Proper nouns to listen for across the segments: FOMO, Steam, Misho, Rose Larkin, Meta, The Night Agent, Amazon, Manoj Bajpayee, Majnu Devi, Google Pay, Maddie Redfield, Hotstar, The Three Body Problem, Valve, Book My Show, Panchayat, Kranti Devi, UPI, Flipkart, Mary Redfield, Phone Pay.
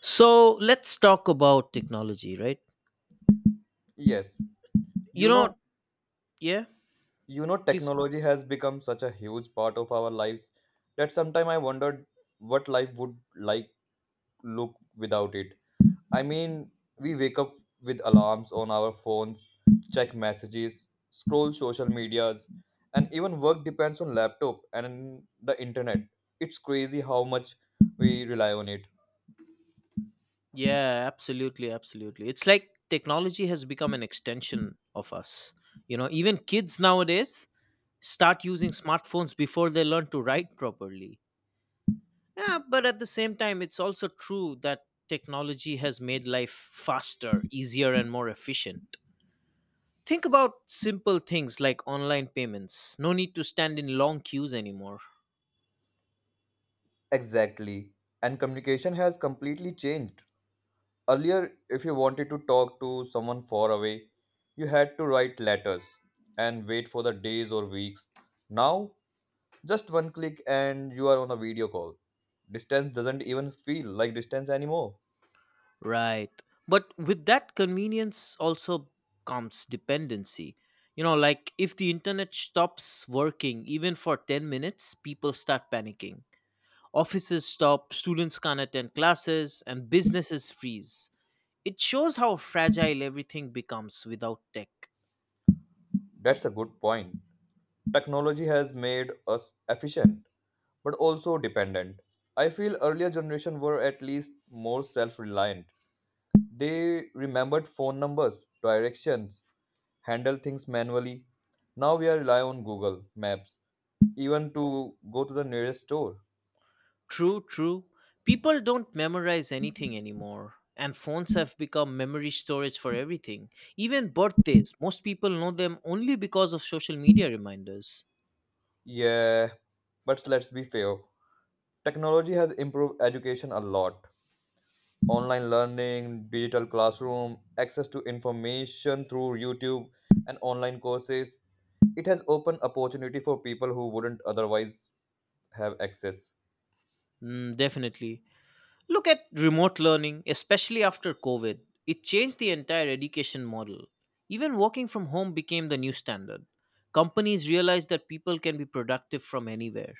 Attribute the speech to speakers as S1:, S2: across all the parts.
S1: So let's talk about technology, right?
S2: Yes,
S1: You
S2: you
S1: know,
S2: know,
S1: yeah, please.
S2: technology has become such a huge part of our lives that sometimes I wondered what life would look without it. I mean, we wake up with alarms on our phones, check messages, scroll social medias, and even work depends on laptop and the internet. It's crazy how much we rely on it.
S1: Yeah, absolutely, absolutely. It's like technology has become an extension of us. You know, even kids nowadays start using smartphones before they learn to write properly. Yeah, but at the same time, it's also true that technology has made life faster, easier, and more efficient. Think about simple things like online payments. No need to stand in long queues anymore.
S2: Exactly. And communication has completely changed. Earlier, if you wanted to talk to someone far away, you had to write letters and wait for the days or weeks. Now, just one click and you are on a video call. Distance doesn't even feel like distance anymore.
S1: Right. But with that convenience also comes dependency. You know, like if the internet stops working even for 10 minutes, people start panicking. Offices stop, students can't attend classes, and businesses freeze. It shows how fragile everything becomes without tech.
S2: That's a good point. Technology has made us efficient but also dependent. I feel earlier generation were at least more self-reliant. They remembered phone numbers, directions, handle things manually. Now we are rely on Google Maps even to go to the nearest store.
S1: True, true. People don't memorize anything anymore, and phones have become memory storage for everything. Even birthdays, most people know them only because of social media reminders.
S2: Yeah, but let's be fair. Technology has improved education a lot. Online learning, digital classroom, access to information through YouTube and online courses. It has opened opportunity for people who wouldn't otherwise have access.
S1: Mm, definitely. Look at remote learning, especially after COVID. It changed the entire education model. Even working from home became the new standard. Companies realized that people can be productive from anywhere.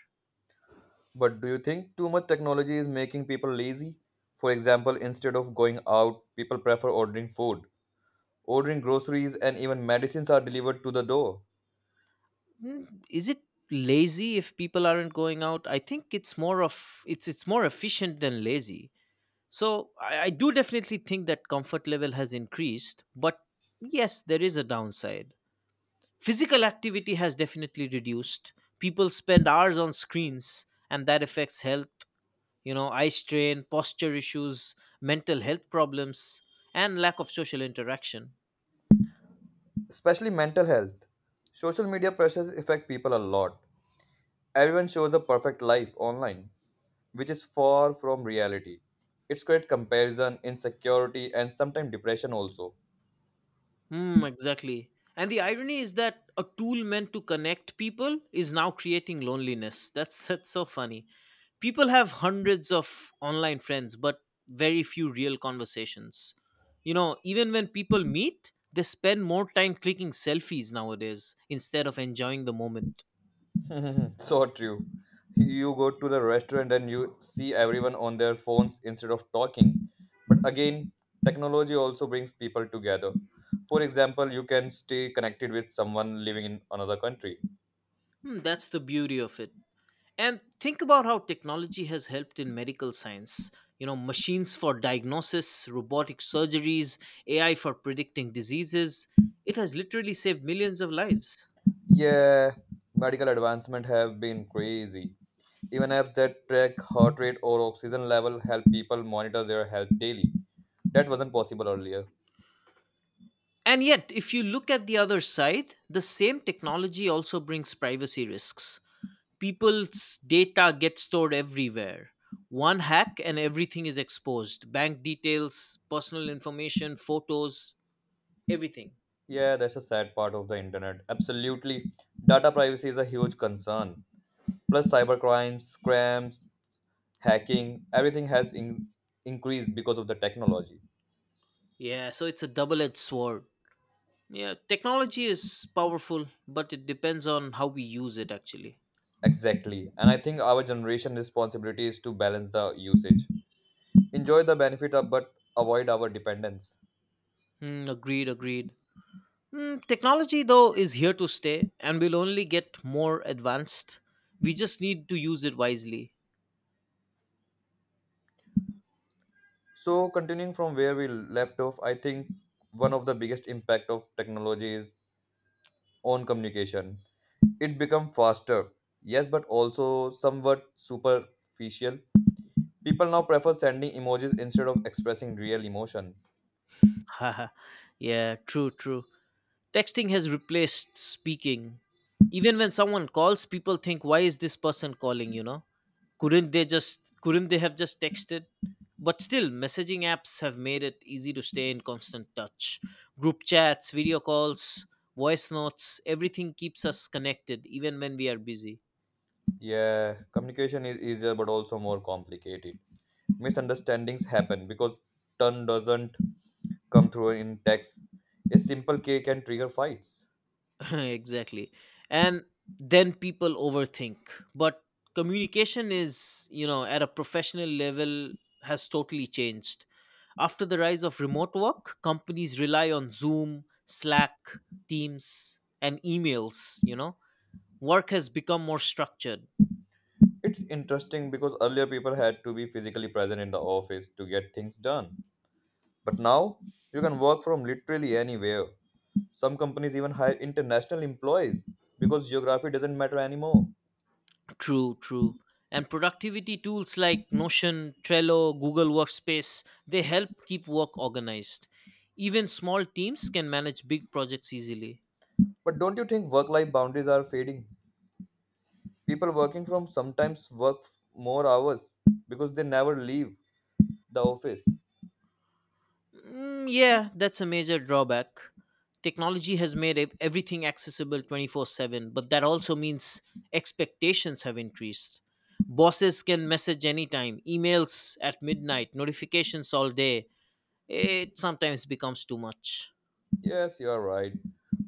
S2: But do you think too much technology is making people lazy? For example, instead of going out, people prefer ordering food. Ordering groceries and even medicines are delivered to the door.
S1: Mm, is it lazy if people aren't going out? I think it's more efficient than lazy. So I do definitely think that comfort level has increased, but yes, there is a downside. Physical activity has definitely reduced. People spend hours on screens, and that affects health, you know, eye strain, posture issues, mental health problems, and lack of social interaction.
S2: Especially mental health. Social media pressures affect people a lot. Everyone shows a perfect life online, which is far from reality. It's create comparison, insecurity, and sometimes depression also.
S1: Mm, exactly. And the irony is that a tool meant to connect people is now creating loneliness. That's that's so funny. People have hundreds of online friends, but very few real conversations. You know, even when people meet, they spend more time clicking selfies nowadays instead of enjoying the moment.
S2: So true. You go to the restaurant and you see everyone on their phones instead of talking. But again, technology also brings people together. For example, you can stay connected with someone living in another country.
S1: Hmm, that's the beauty of it. And think about how technology has helped in medical science. You know, machines for diagnosis, robotic surgeries, AI for predicting diseases. It has literally saved millions of lives.
S2: Yeah, medical advancement have been crazy. Even apps that track heart rate or oxygen level help people monitor their health daily. That wasn't possible earlier.
S1: And yet, if you look at the other side, the same technology also brings privacy risks. People's data gets stored everywhere. One hack and everything is exposed, bank details, personal information, photos, everything.
S2: Yeah, that's a sad part of the internet. Absolutely. Data privacy is a huge concern. Plus, cybercrimes, scams, hacking, everything has increased because of the technology.
S1: Yeah, so it's a double edged sword. Yeah, technology is powerful, but it depends on how we use it actually.
S2: Exactly. And I think our generation responsibility is to balance the usage. Enjoy the benefit of but avoid our dependence.
S1: Hmm, agreed, agreed. Hmm, technology, though, is here to stay and will only get more advanced. We just need to use it wisely.
S2: So continuing from where we left off, I think one of the biggest impact of technology is on communication. It become faster, yes, but also somewhat superficial. People now prefer sending emojis instead of expressing real emotion.
S1: Haha, yeah, true, true. Texting has replaced speaking. Even when someone calls, people think, why is this person calling, you know? Couldn't they have just texted? But still, messaging apps have made it easy to stay in constant touch. Group chats, video calls, voice notes, everything keeps us connected even when we are busy.
S2: Yeah, communication is easier but also more complicated. Misunderstandings happen because tone doesn't come through in text. A simple K can trigger fights.
S1: exactly. And then people overthink. But communication is, you know, at a professional level has totally changed. After the rise of remote work, companies rely on Zoom, Slack, Teams, and emails, you know. Work has become more structured.
S2: It's interesting because earlier people had to be physically present in the office to get things done. But now you can work from literally anywhere. Some companies even hire international employees because geography doesn't matter anymore.
S1: True, true. And productivity tools like Notion, Trello, Google Workspace, they help keep work organized. Even small teams can manage big projects easily.
S2: But don't you think work life boundaries are fading? People working from sometimes work more hours because they never leave the office.
S1: Mm, yeah, that's a major drawback. Technology has made everything accessible 24/7, but that also means expectations have increased. Bosses can message anytime, emails at midnight, notifications all day. It sometimes becomes too much.
S2: Yes, you are right.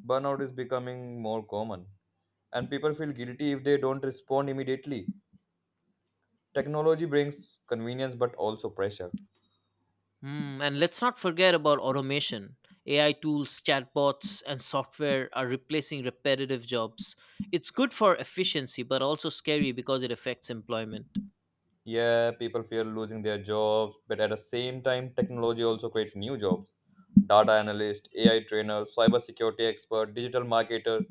S2: Burnout is becoming more common, and people feel guilty if they don't respond immediately. Technology brings convenience but also pressure.
S1: Mm, and let's not forget about automation. AI tools, chatbots, and software are replacing repetitive jobs. It's good for efficiency, but also scary because it affects employment.
S2: Yeah, people fear losing their jobs, but at the same time, technology also creates new jobs. Data analyst, AI trainer, cybersecurity expert, digital marketer.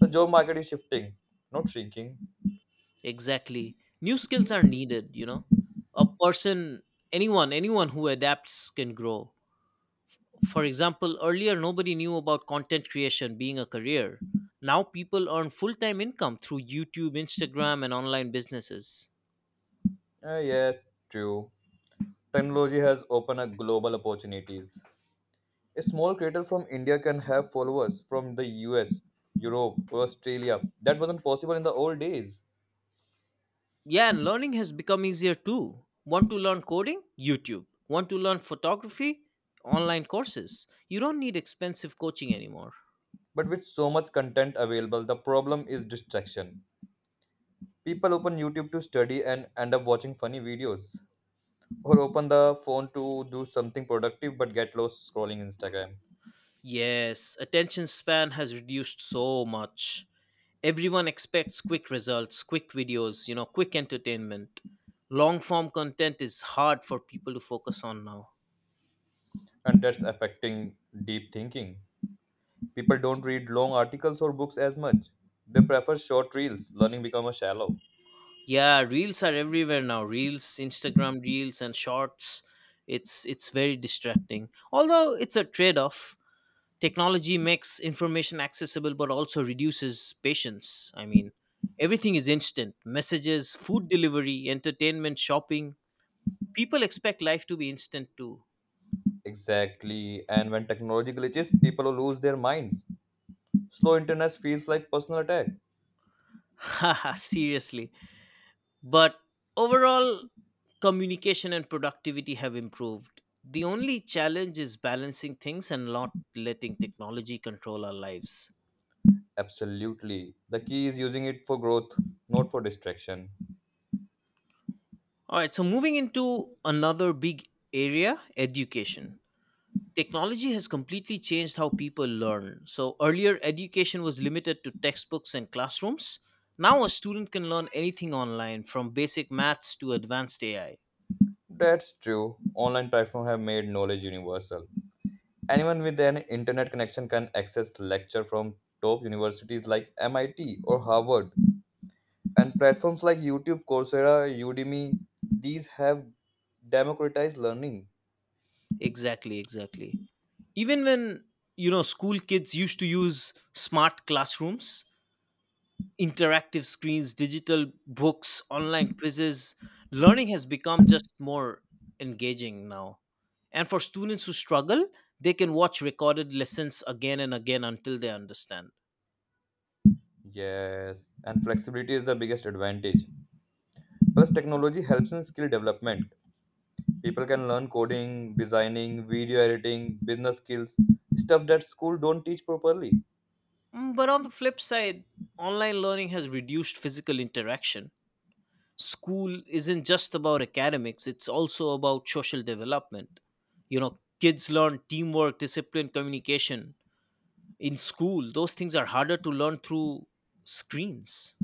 S2: The job market is shifting, not shrinking.
S1: Exactly. New skills are needed, you know. A person, anyone who adapts can grow. For example, earlier nobody knew about content creation being a career. Now people earn full time income through YouTube, Instagram, and online businesses.
S2: Yes, true. Technology has opened up global opportunities. A small creator from India can have followers from the US, Europe, or Australia. That wasn't possible in the old days.
S1: Yeah, and learning has become easier too. Want to learn coding? YouTube. Want to learn photography? Online courses. You don't need expensive coaching anymore.
S2: But with so much content available, the problem is distraction. People open YouTube to study and end up watching funny videos, or open the phone to do something productive but get lost scrolling Instagram.
S1: Yes, attention span has reduced so much. Everyone expects quick results, quick videos, you know, quick entertainment. Long form content is hard for people to focus on now.
S2: And that's affecting deep thinking. People don't read long articles or books as much. They prefer short reels, learning become a shallow.
S1: Yeah, reels are everywhere now. Reels, Instagram reels, and shorts. It's very distracting, although it's a trade off. Technology makes information accessible but also reduces patience. I mean, everything is instant, messages, food delivery, entertainment, shopping. People expect life to be instant too.
S2: Exactly. And when technology glitches, people lose their minds. Slow internet feels like personal attack.
S1: Haha, seriously. But overall, communication and productivity have improved. The only challenge is balancing things and not letting technology control our lives.
S2: Absolutely. The key is using it for growth, not for distraction.
S1: All right, so moving into another big area, education. Technology has completely changed how people learn. So, earlier, education was limited to textbooks and classrooms. Now, a student can learn anything online from basic maths to advanced AI.
S2: That's true, online platforms have made knowledge universal. Anyone with an internet connection can access lecture from top universities like MIT or Harvard, and platforms like YouTube, Coursera, Udemy. These have democratized learning.
S1: Exactly, exactly. Even when, you know, school kids used to use smart classrooms, interactive screens, digital books, online quizzes, learning has become just more engaging now. And for students who struggle, they can watch recorded lessons again and again until they understand.
S2: Yes, and flexibility is the biggest advantage. Plus, technology helps in skill development. People can learn coding, designing, video editing, business skills, stuff that school don't teach properly.
S1: Mm, but on the flip side, online learning has reduced physical interaction. School isn't just about academics, it's also about social development. You know, kids learn teamwork, discipline, communication in school. Those things are harder to learn through screens.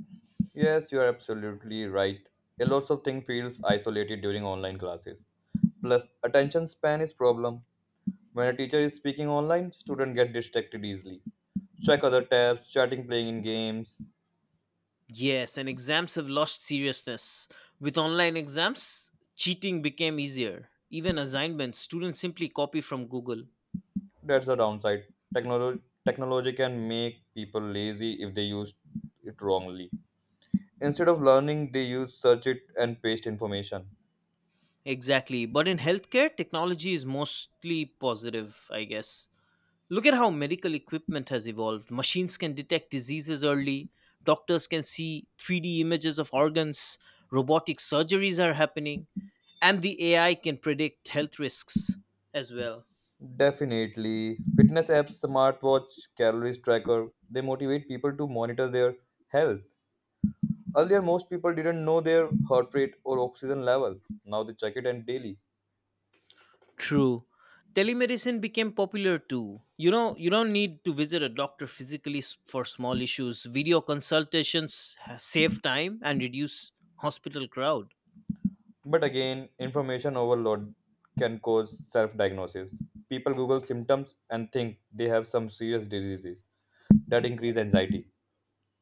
S2: Yes, you are absolutely right. A lot of things feels isolated during online classes. Plus, attention span is problem. When a teacher is speaking online, students get distracted easily. Check other tabs, chatting, playing in games.
S1: Yes, and exams have lost seriousness. With online exams, cheating became easier. Even assignments, students simply copy from Google.
S2: That's the downside. Technology technology can make people lazy if they use it wrongly. Instead of learning, they use search it and paste information.
S1: Exactly, but in healthcare, technology is mostly positive, I guess. Look at how medical equipment has evolved. Machines can detect diseases early, doctors can see 3D images of organs, robotic surgeries are happening, and the AI can predict health risks as well.
S2: Definitely. Fitness apps, smartwatch, calories tracker, they motivate people to monitor their health. Earlier, most people didn't know their heart rate or oxygen level. Now they check it and daily.
S1: True. Telemedicine became popular too. You know, you don't need to visit a doctor physically for small issues. Video consultations save time and reduce hospital crowd.
S2: But again, information overload can cause self diagnosis. People Google symptoms and think they have some serious diseases that increase anxiety.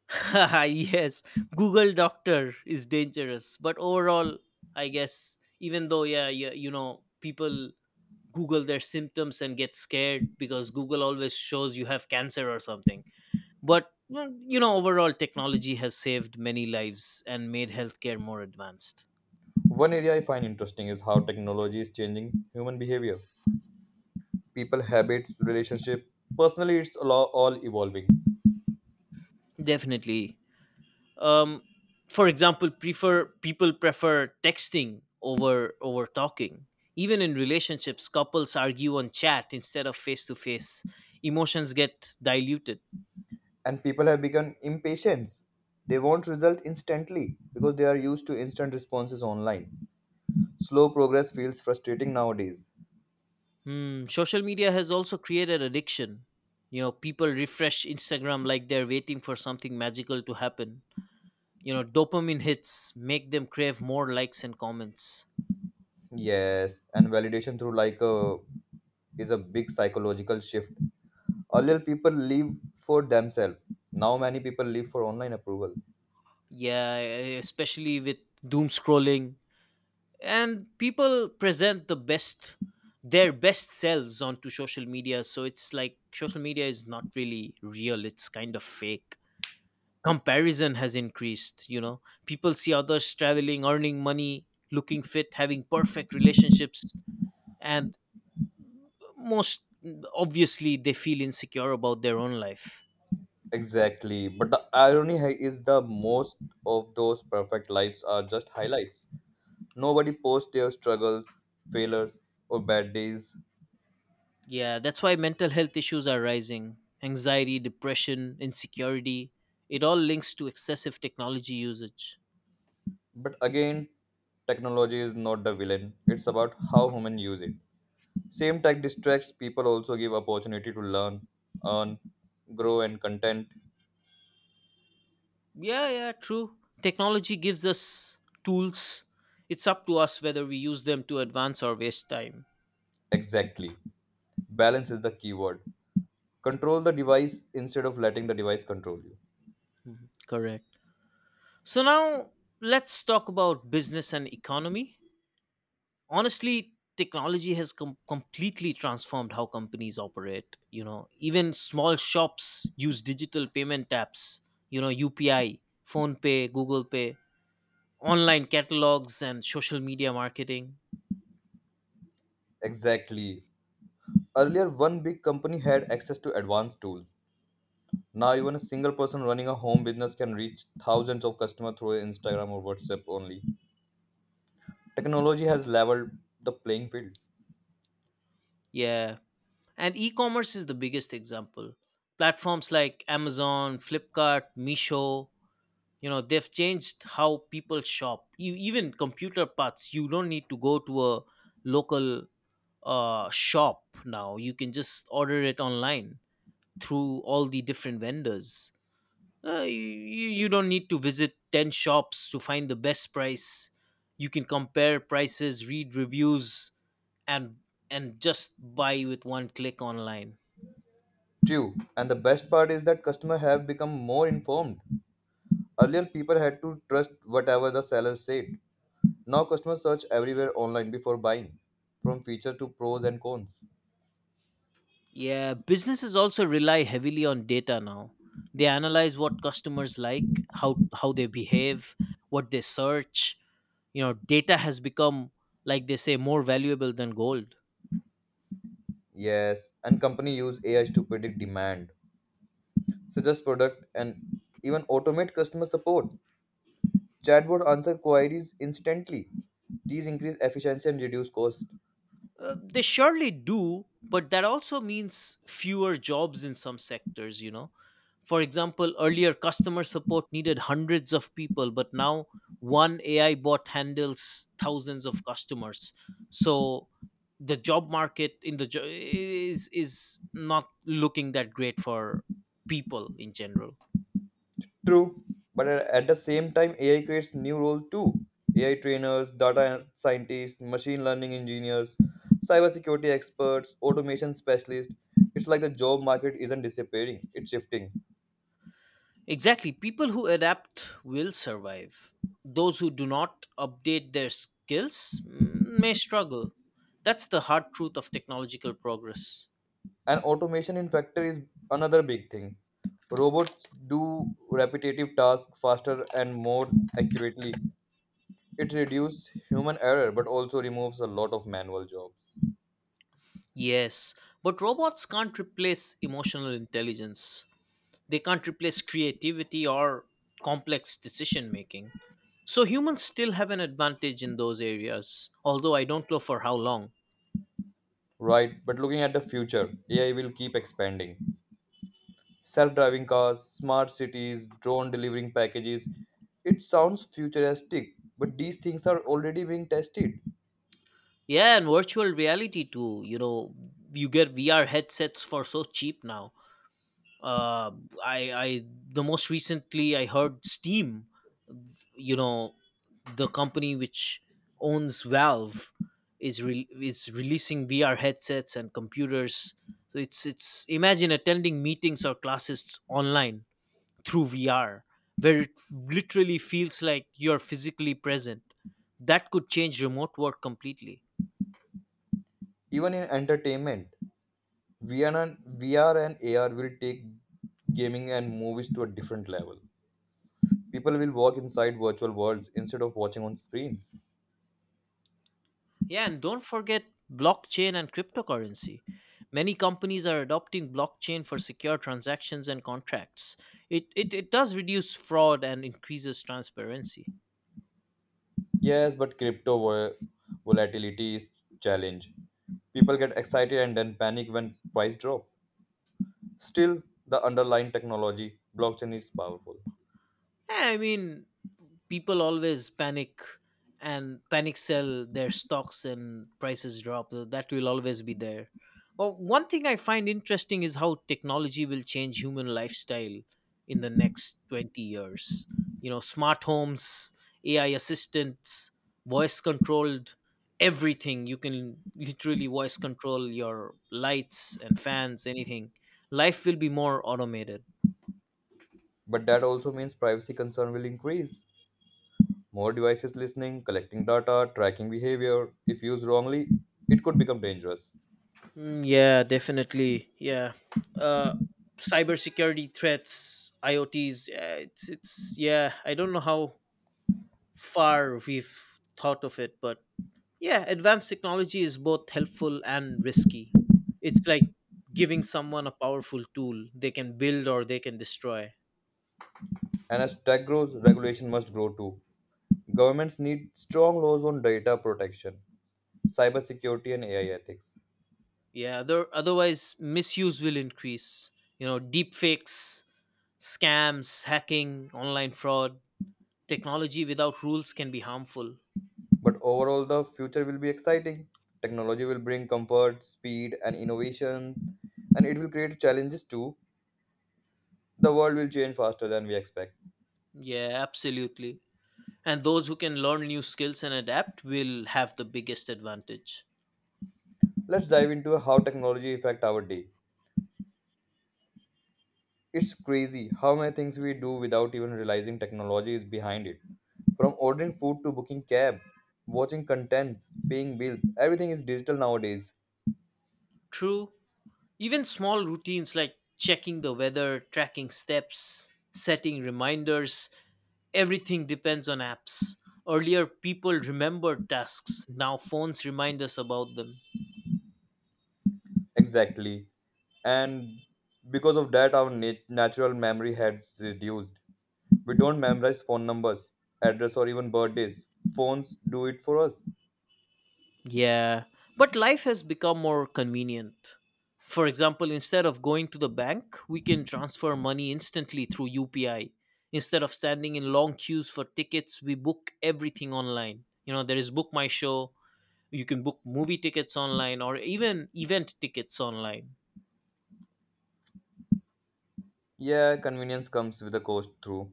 S1: Yes, Google Doctor is dangerous, but overall, I guess even though yeah, yeah, you know, people Google their symptoms and get scared because Google always shows you have cancer or something. But mm, you know, overall, technology has saved many lives and made healthcare more advanced.
S2: One area I find interesting is how technology is changing human behavior. People, habits, relationship. Personally, it's all evolving.
S1: Definitely, um, for example, prefer people prefer texting over talking. Even in relationships, couples argue on chat instead of face to face. Emotions get diluted.
S2: And people have become impatient. They want result instantly because they are used to instant responses online. Slow progress feels frustrating nowadays.
S1: Hmm, social media has also created addiction. You know, people refresh Instagram like they're waiting for something magical to happen. You know, dopamine hits make them crave more likes and comments.
S2: Yes, and validation through like a is a big psychological shift. Earlier people live for themselves. Now many people live for online approval.
S1: Yeah, especially with doom scrolling. And people present their best selves onto social media, so it's like social media is not really real, it's kind of fake. Comparison has increased, you know. People see others traveling, earning money, looking fit, having perfect relationships. And most obviously, they feel insecure about their own life.
S2: Exactly. But the irony is the most of those perfect lives are just highlights. Nobody posts their struggles, failures, or bad days.
S1: Yeah, that's why mental health issues are rising. Anxiety, depression, insecurity, it all links to excessive technology usage.
S2: But again, technology is not the villain. It's about how human use it. Same tech distracts people also give opportunity to learn, earn, grow and content.
S1: Yeah, yeah, true. Technology gives us tools. It's up to us whether we use them to advance or waste time.
S2: Exactly. Balance is the keyword. Control the device instead of letting the device control you.
S1: Correct. So now let's talk about business and economy. Honestly, technology has completely transformed how companies operate. You know, even small shops use digital payment apps, you know, UPI, Phone Pay, Google Pay, online catalogs, and social media marketing.
S2: Exactly. Earlier one big company had access to advanced tools. Now even a single person running a home business can reach thousands of customers through Instagram or WhatsApp only. Technology has leveled the playing field.
S1: Yeah, and e commerce is the biggest example. Platforms like Amazon, Flipkart, Misho, you know, they've changed how people shop. You, even computer parts, you don't need to go to a local shop now. You can just order it online through all the different vendors. You don't need to visit 10 shops to find the best price. You can compare prices, read reviews, and just buy with one click online.
S2: True. And the best part is that customers have become more informed. Earlier people had to trust whatever the seller said. Now customers search everywhere online before buying, from features to pros and cons.
S1: Yeah, businesses also rely heavily on data now. They analyze what customers like, how they behave, what they search. You know, data has become, like they say, more valuable than gold.
S2: Yes, and company use AI to predict demand, suggest product, and even automate customer support. Chatbot answer queries instantly. These increase efficiency and reduce cost.
S1: They surely do, but that also means fewer jobs in some sectors, you know. For example, earlier customer support needed hundreds of people, but now one AI bot handles thousands of customers. So the job market in the jo- is not looking that great for people in general.
S2: True, but at the same time, AI creates new roles too. AI trainers, data scientists, machine learning engineers, cybersecurity experts, automation specialists. It's like the job market isn't disappearing; it's shifting.
S1: Exactly. People who adapt will survive. Those who do not update their skills mm, may struggle. That's the hard truth of technological progress.
S2: And automation in factory is another big thing. Robots do repetitive tasks faster and more accurately. It reduces human error but also removes a lot of manual jobs.
S1: Yes, but robots can't replace emotional intelligence. They can't replace creativity or complex decision making. So humans still have an advantage in those areas, although I don't know for how long.
S2: Right, but looking at the future, AI will keep expanding. Self-driving cars, smart cities, drone delivering packages. It sounds futuristic, but these things are already being tested.
S1: Yeah, and virtual reality too. You know, you get VR headsets for so cheap now uh, I the most recently I heard Steam, you know, the company which owns Valve, is releasing VR headsets and computers. So it's imagine attending meetings or classes online through VR, where it literally feels like you're physically present. That could change remote work completely.
S2: Even in entertainment, vr and vr and ar will take gaming and movies to a different level. People will walk inside virtual worlds instead of watching on screens.
S1: Yeah, and don't forget blockchain and cryptocurrency. Many companies are adopting blockchain for secure transactions and contracts. It does reduce fraud and increases transparency.
S2: Yes, but crypto volatility is challenge. People get excited and then panic when price drop. Still, the underlying technology, blockchain, is powerful.
S1: Yeah, I mean, people always panic and panic sell their stocks and prices drop. That will always be there. Well, one thing I find interesting is how technology will change human lifestyle in the next 20 years. You know, smart homes, ai assistants, voice controlled everything. You can literally voice control your lights and fans, anything. Life will be more automated.
S2: But that also means privacy concern will increase. More devices listening, collecting data, tracking behavior. If used wrongly, it could become dangerous.
S1: Mm, yeah, definitely. Yeah. Uh, cybersecurity threats, IoTs. Yeah, it's yeah. I don't know how far we've thought of it, but yeah, advanced technology is both helpful and risky. It's like giving someone a powerful tool they can build or they can destroy.
S2: And as tech grows, regulation must grow too. Governments need strong laws on data protection, cybersecurity, and AI ethics.
S1: Yeah. Otherwise, misuse will increase. You know, deep fakes, scams, hacking, online fraud. Technology without rules can be harmful.
S2: But overall, the future will be exciting. Technology will bring comfort, speed, and innovation, and it will create challenges too. The world will change faster than we expect.
S1: Yeah, absolutely. And those who can learn new skills and adapt will have the biggest advantage.
S2: Let's dive into how technology affect our day. It's crazy how many things we do without even realizing technology is behind it. From ordering food to booking cab, watching content, paying bills, everything is digital nowadays.
S1: True. Even small routines like checking the weather, tracking steps, setting reminders, everything depends on apps. Earlier, people remembered tasks. Now, phones remind us about them.
S2: Exactly. And because of that, our natural memory has reduced. We don't memorize phone numbers, address, or even birthdays. Phones do it for us.
S1: Yeah, but life has become more convenient. For example, instead of going to the bank, we can transfer money instantly through UPI. Instead of standing in long queues for tickets, we book everything online. You know, there is Book My Show, you can book movie tickets online or even event tickets online.
S2: Yeah, convenience comes with a cost, through.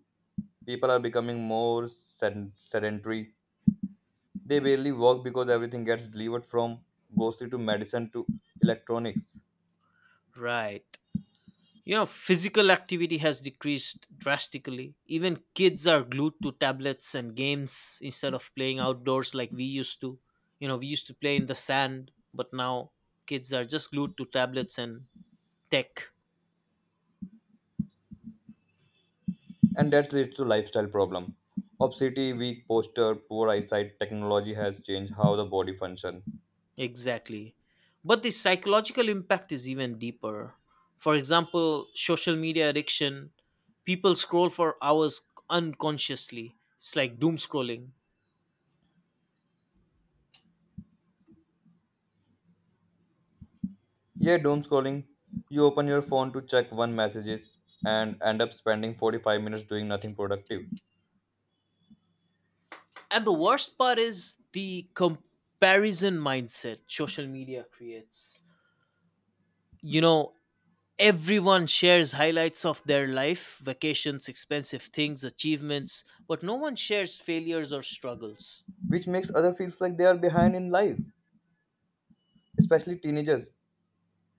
S2: People are becoming more sedentary. They barely work because everything gets delivered from grocery to medicine to electronics.
S1: Right. You know, physical activity has decreased drastically. Even kids are glued to tablets and games instead of playing outdoors like we used to. You know, we used to play in the sand, but now kids are just glued to tablets and tech.
S2: And that leads to lifestyle problem. Obesity, weak posture, poor eyesight, technology has changed how the body function.
S1: Exactly. But the psychological impact is even deeper. For example, social media addiction, people scroll for hours unconsciously. It's like doom scrolling.
S2: Yeah, doom scrolling. You open your phone to check one messages and end up spending 45 minutes doing nothing productive,
S1: And the worst part is the comparison mindset social media creates. You know, everyone shares highlights of their life, vacations, expensive things, achievements, but no one shares failures or struggles.
S2: which makes other feels like they are behind in life, especially teenagers.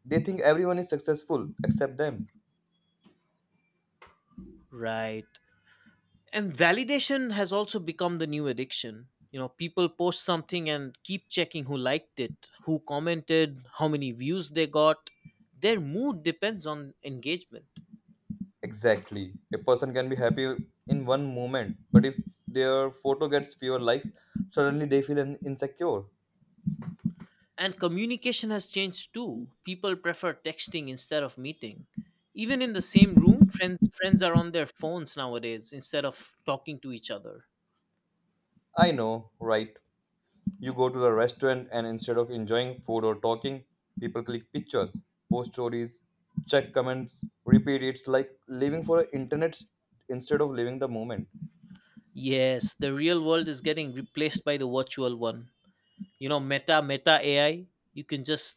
S2: They think everyone is successful except them.
S1: Right. And validation has also become the new addiction. You know, people post something and keep checking who liked it, who commented, how many views they got. Their mood depends on engagement.
S2: Exactly. A person can be happy in one moment, but if their photo gets fewer likes, suddenly they feel insecure.
S1: And communication has changed too. People prefer texting instead of meeting. Even in the same room, friends are on their phones nowadays instead of talking to each other.
S2: I know, right? You go to the restaurant and instead of enjoying food or talking, people click pictures, post stories, check comments, repeat. It's like living for internet instead of living the moment.
S1: Yes, the real world is getting replaced by the virtual one. You know, Meta AI, you can just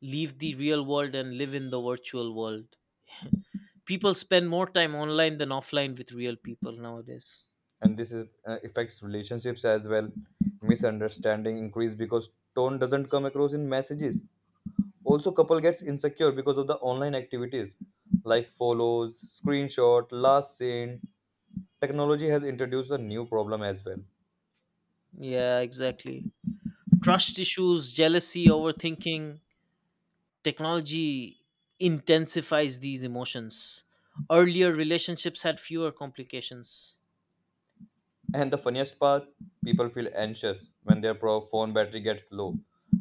S1: leave the real world and live in the virtual world. People spend more time online than offline with real people nowadays.
S2: And this is, affects relationships as well. Misunderstanding increase because tone doesn't come across in messages. Also couple gets insecure because of the online activities like follows, screenshot, last seen. Technology has introduced a new problem as well.
S1: Yeah, exactly. Trust issues, jealousy, overthinking, technology intensifies these emotions. Earlier relationships had fewer complications.
S2: And the funniest part, people feel anxious when their phone battery gets low,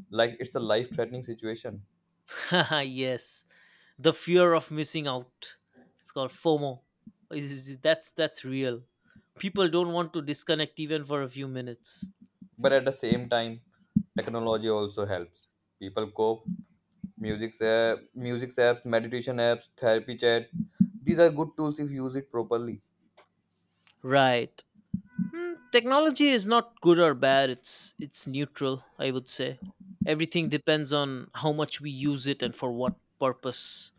S2: like it's a life threatening situation.
S1: Yes, the fear of missing out. It's called FOMO. That's real. People don't want to disconnect even for a few minutes.
S2: But at the same time, technology also helps people cope. Music apps, meditation apps, therapy chat. These are good tools if you use it properly.
S1: Right. Hmm, technology is not good or bad. It's neutral, I would say. Everything depends on how much we use it and for what purpose.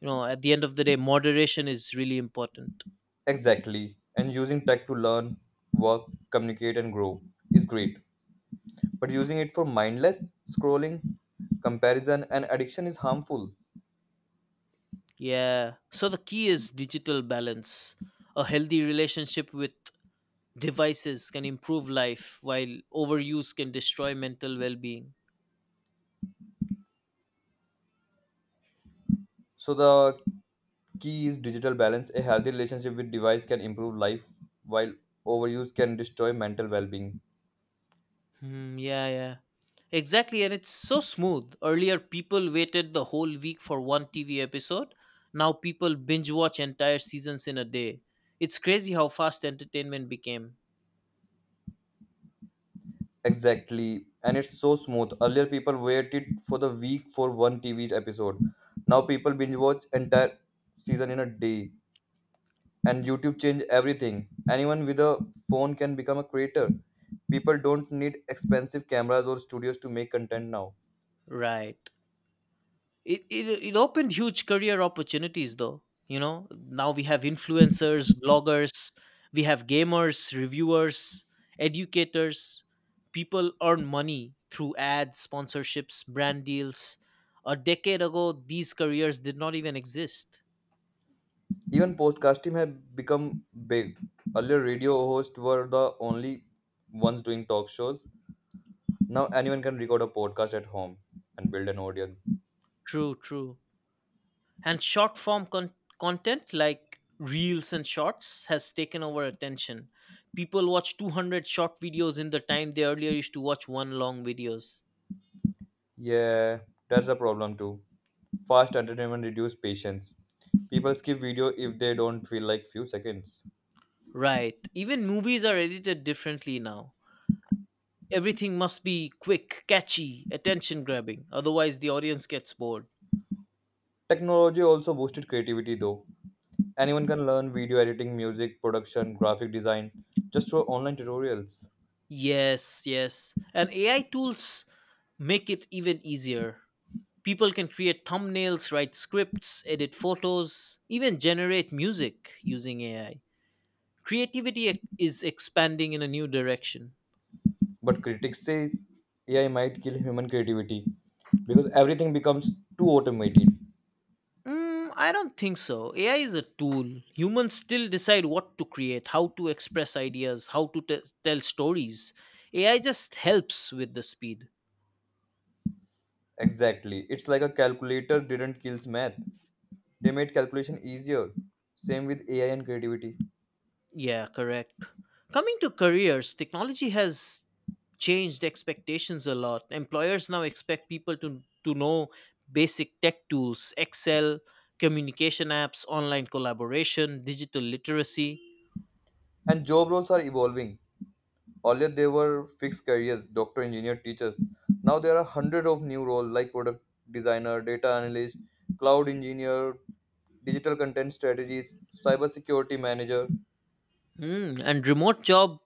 S1: You know, at the end of the day, moderation is really important.
S2: Exactly. And using tech to learn, work, communicate, and grow is great. But using it for mindless scrolling, comparison, and addiction is harmful.
S1: Yeah. So the key is digital balance. A healthy relationship with devices can improve life, while overuse can destroy mental well being.
S2: So the key is digital balance. A healthy relationship with device can improve life, while overuse can destroy mental well-being.
S1: Hmm, yeah, yeah. Exactly. And it's so smooth. Earlier, people waited the whole week for one TV episode. Now, people binge watch entire seasons in a day. It's crazy how fast entertainment became.
S2: Exactly. And it's so smooth. Earlier, people waited for the week for one TV episode. Now, people binge watch entire season in a day. And YouTube changed everything. Anyone with a phone can become a creator. People don't need expensive cameras or studios to make content now.
S1: Right. It opened huge career opportunities, though. You know, now we have influencers, bloggers, we have gamers, reviewers, educators. People earn money through ads, sponsorships, brand deals. A decade ago these careers did not even exist.
S2: Even podcasting have become big. Earlier, radio hosts were the only ones doing talk shows. Now, anyone can record a podcast at home and build an audience.
S1: True, And content like reels and shorts has taken over attention. People watch 200 short videos in the time they earlier used to watch one long videos.
S2: Yeah, that's a problem too. Fast entertainment reduces patience. People skip video if they don't feel like few seconds.
S1: Right. Even movies are edited differently now. Everything must be quick, catchy, attention grabbing, otherwise, the audience gets bored.
S2: Technology also boosted creativity though. Anyone can learn video editing, music production, graphic design just through online tutorials.
S1: Yes, yes. And AI tools make it even easier. People can create thumbnails, write scripts, edit photos, even generate music using AI. Creativity is expanding in a new direction.
S2: But critics say AI might kill human creativity because everything becomes too automated.
S1: Mm, I don't think so. AI is a tool. Humans still decide what to create, how to express ideas, how to tell stories. AI just helps with the speed.
S2: Exactly. It's like a calculator didn't kill math. They made calculation easier. Same with AI and creativity.
S1: Yeah, correct. Coming to careers, technology has changed expectations a lot. Employers now expect people to know basic tech tools, Excel, communication apps, online collaboration, digital literacy.
S2: And job roles are evolving. Earlier there were fixed careers, doctor, engineer, teachers. Now there are hundred of new roles like product designer, data analyst, cloud engineer, digital content strategies, cybersecurity manager.
S1: Mm, and remote job,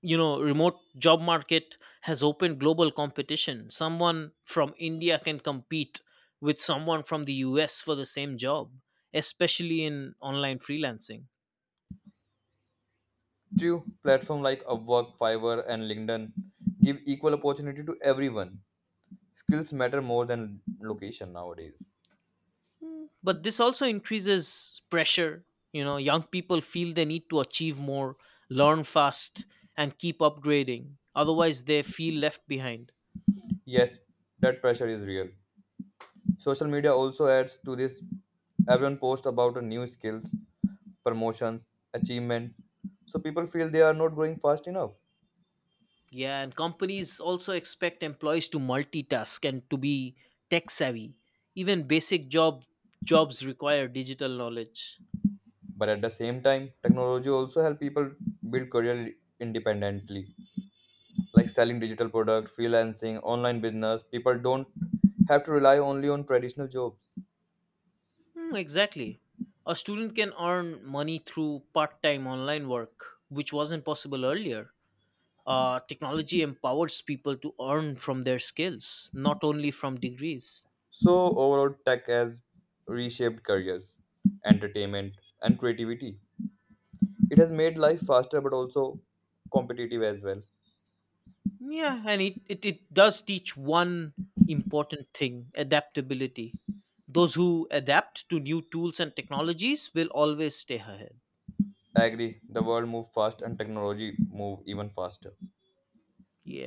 S1: you know, remote job market has opened global competition. Someone from India can compete with someone from the US for the same job, especially in online freelancing.
S2: True, platform like Upwork, Fiverr, and LinkedIn give equal opportunity to everyone. Skills matter more than location nowadays.
S1: But this also increases pressure. You know, young people feel they need to achieve more, learn fast, and keep upgrading. Otherwise, they feel left behind.
S2: Yes, that pressure is real. Social media also adds to this. Everyone posts about a new skills, promotions, achievement. So people feel they are not growing fast enough.
S1: Yeah, and companies also expect employees to multitask and to be tech savvy. Even basic job jobs require digital knowledge.
S2: But at the same time, technology also help people build career independently, like selling digital products, freelancing, online business. People don't have to rely only on traditional jobs.
S1: Hmm, exactly. A student can earn money through part-time online work, which wasn't possible earlier. Technology empowers people to earn from their skills, not only from degrees.
S2: So overall, tech has reshaped careers, entertainment, and creativity. It has made life faster, but also competitive as well.
S1: Yeah, and it does teach one important thing, adaptability. Those who adapt to new tools and technologies will always stay ahead.
S2: I agree. The world moves fast, and technology move even faster.
S1: Yeah.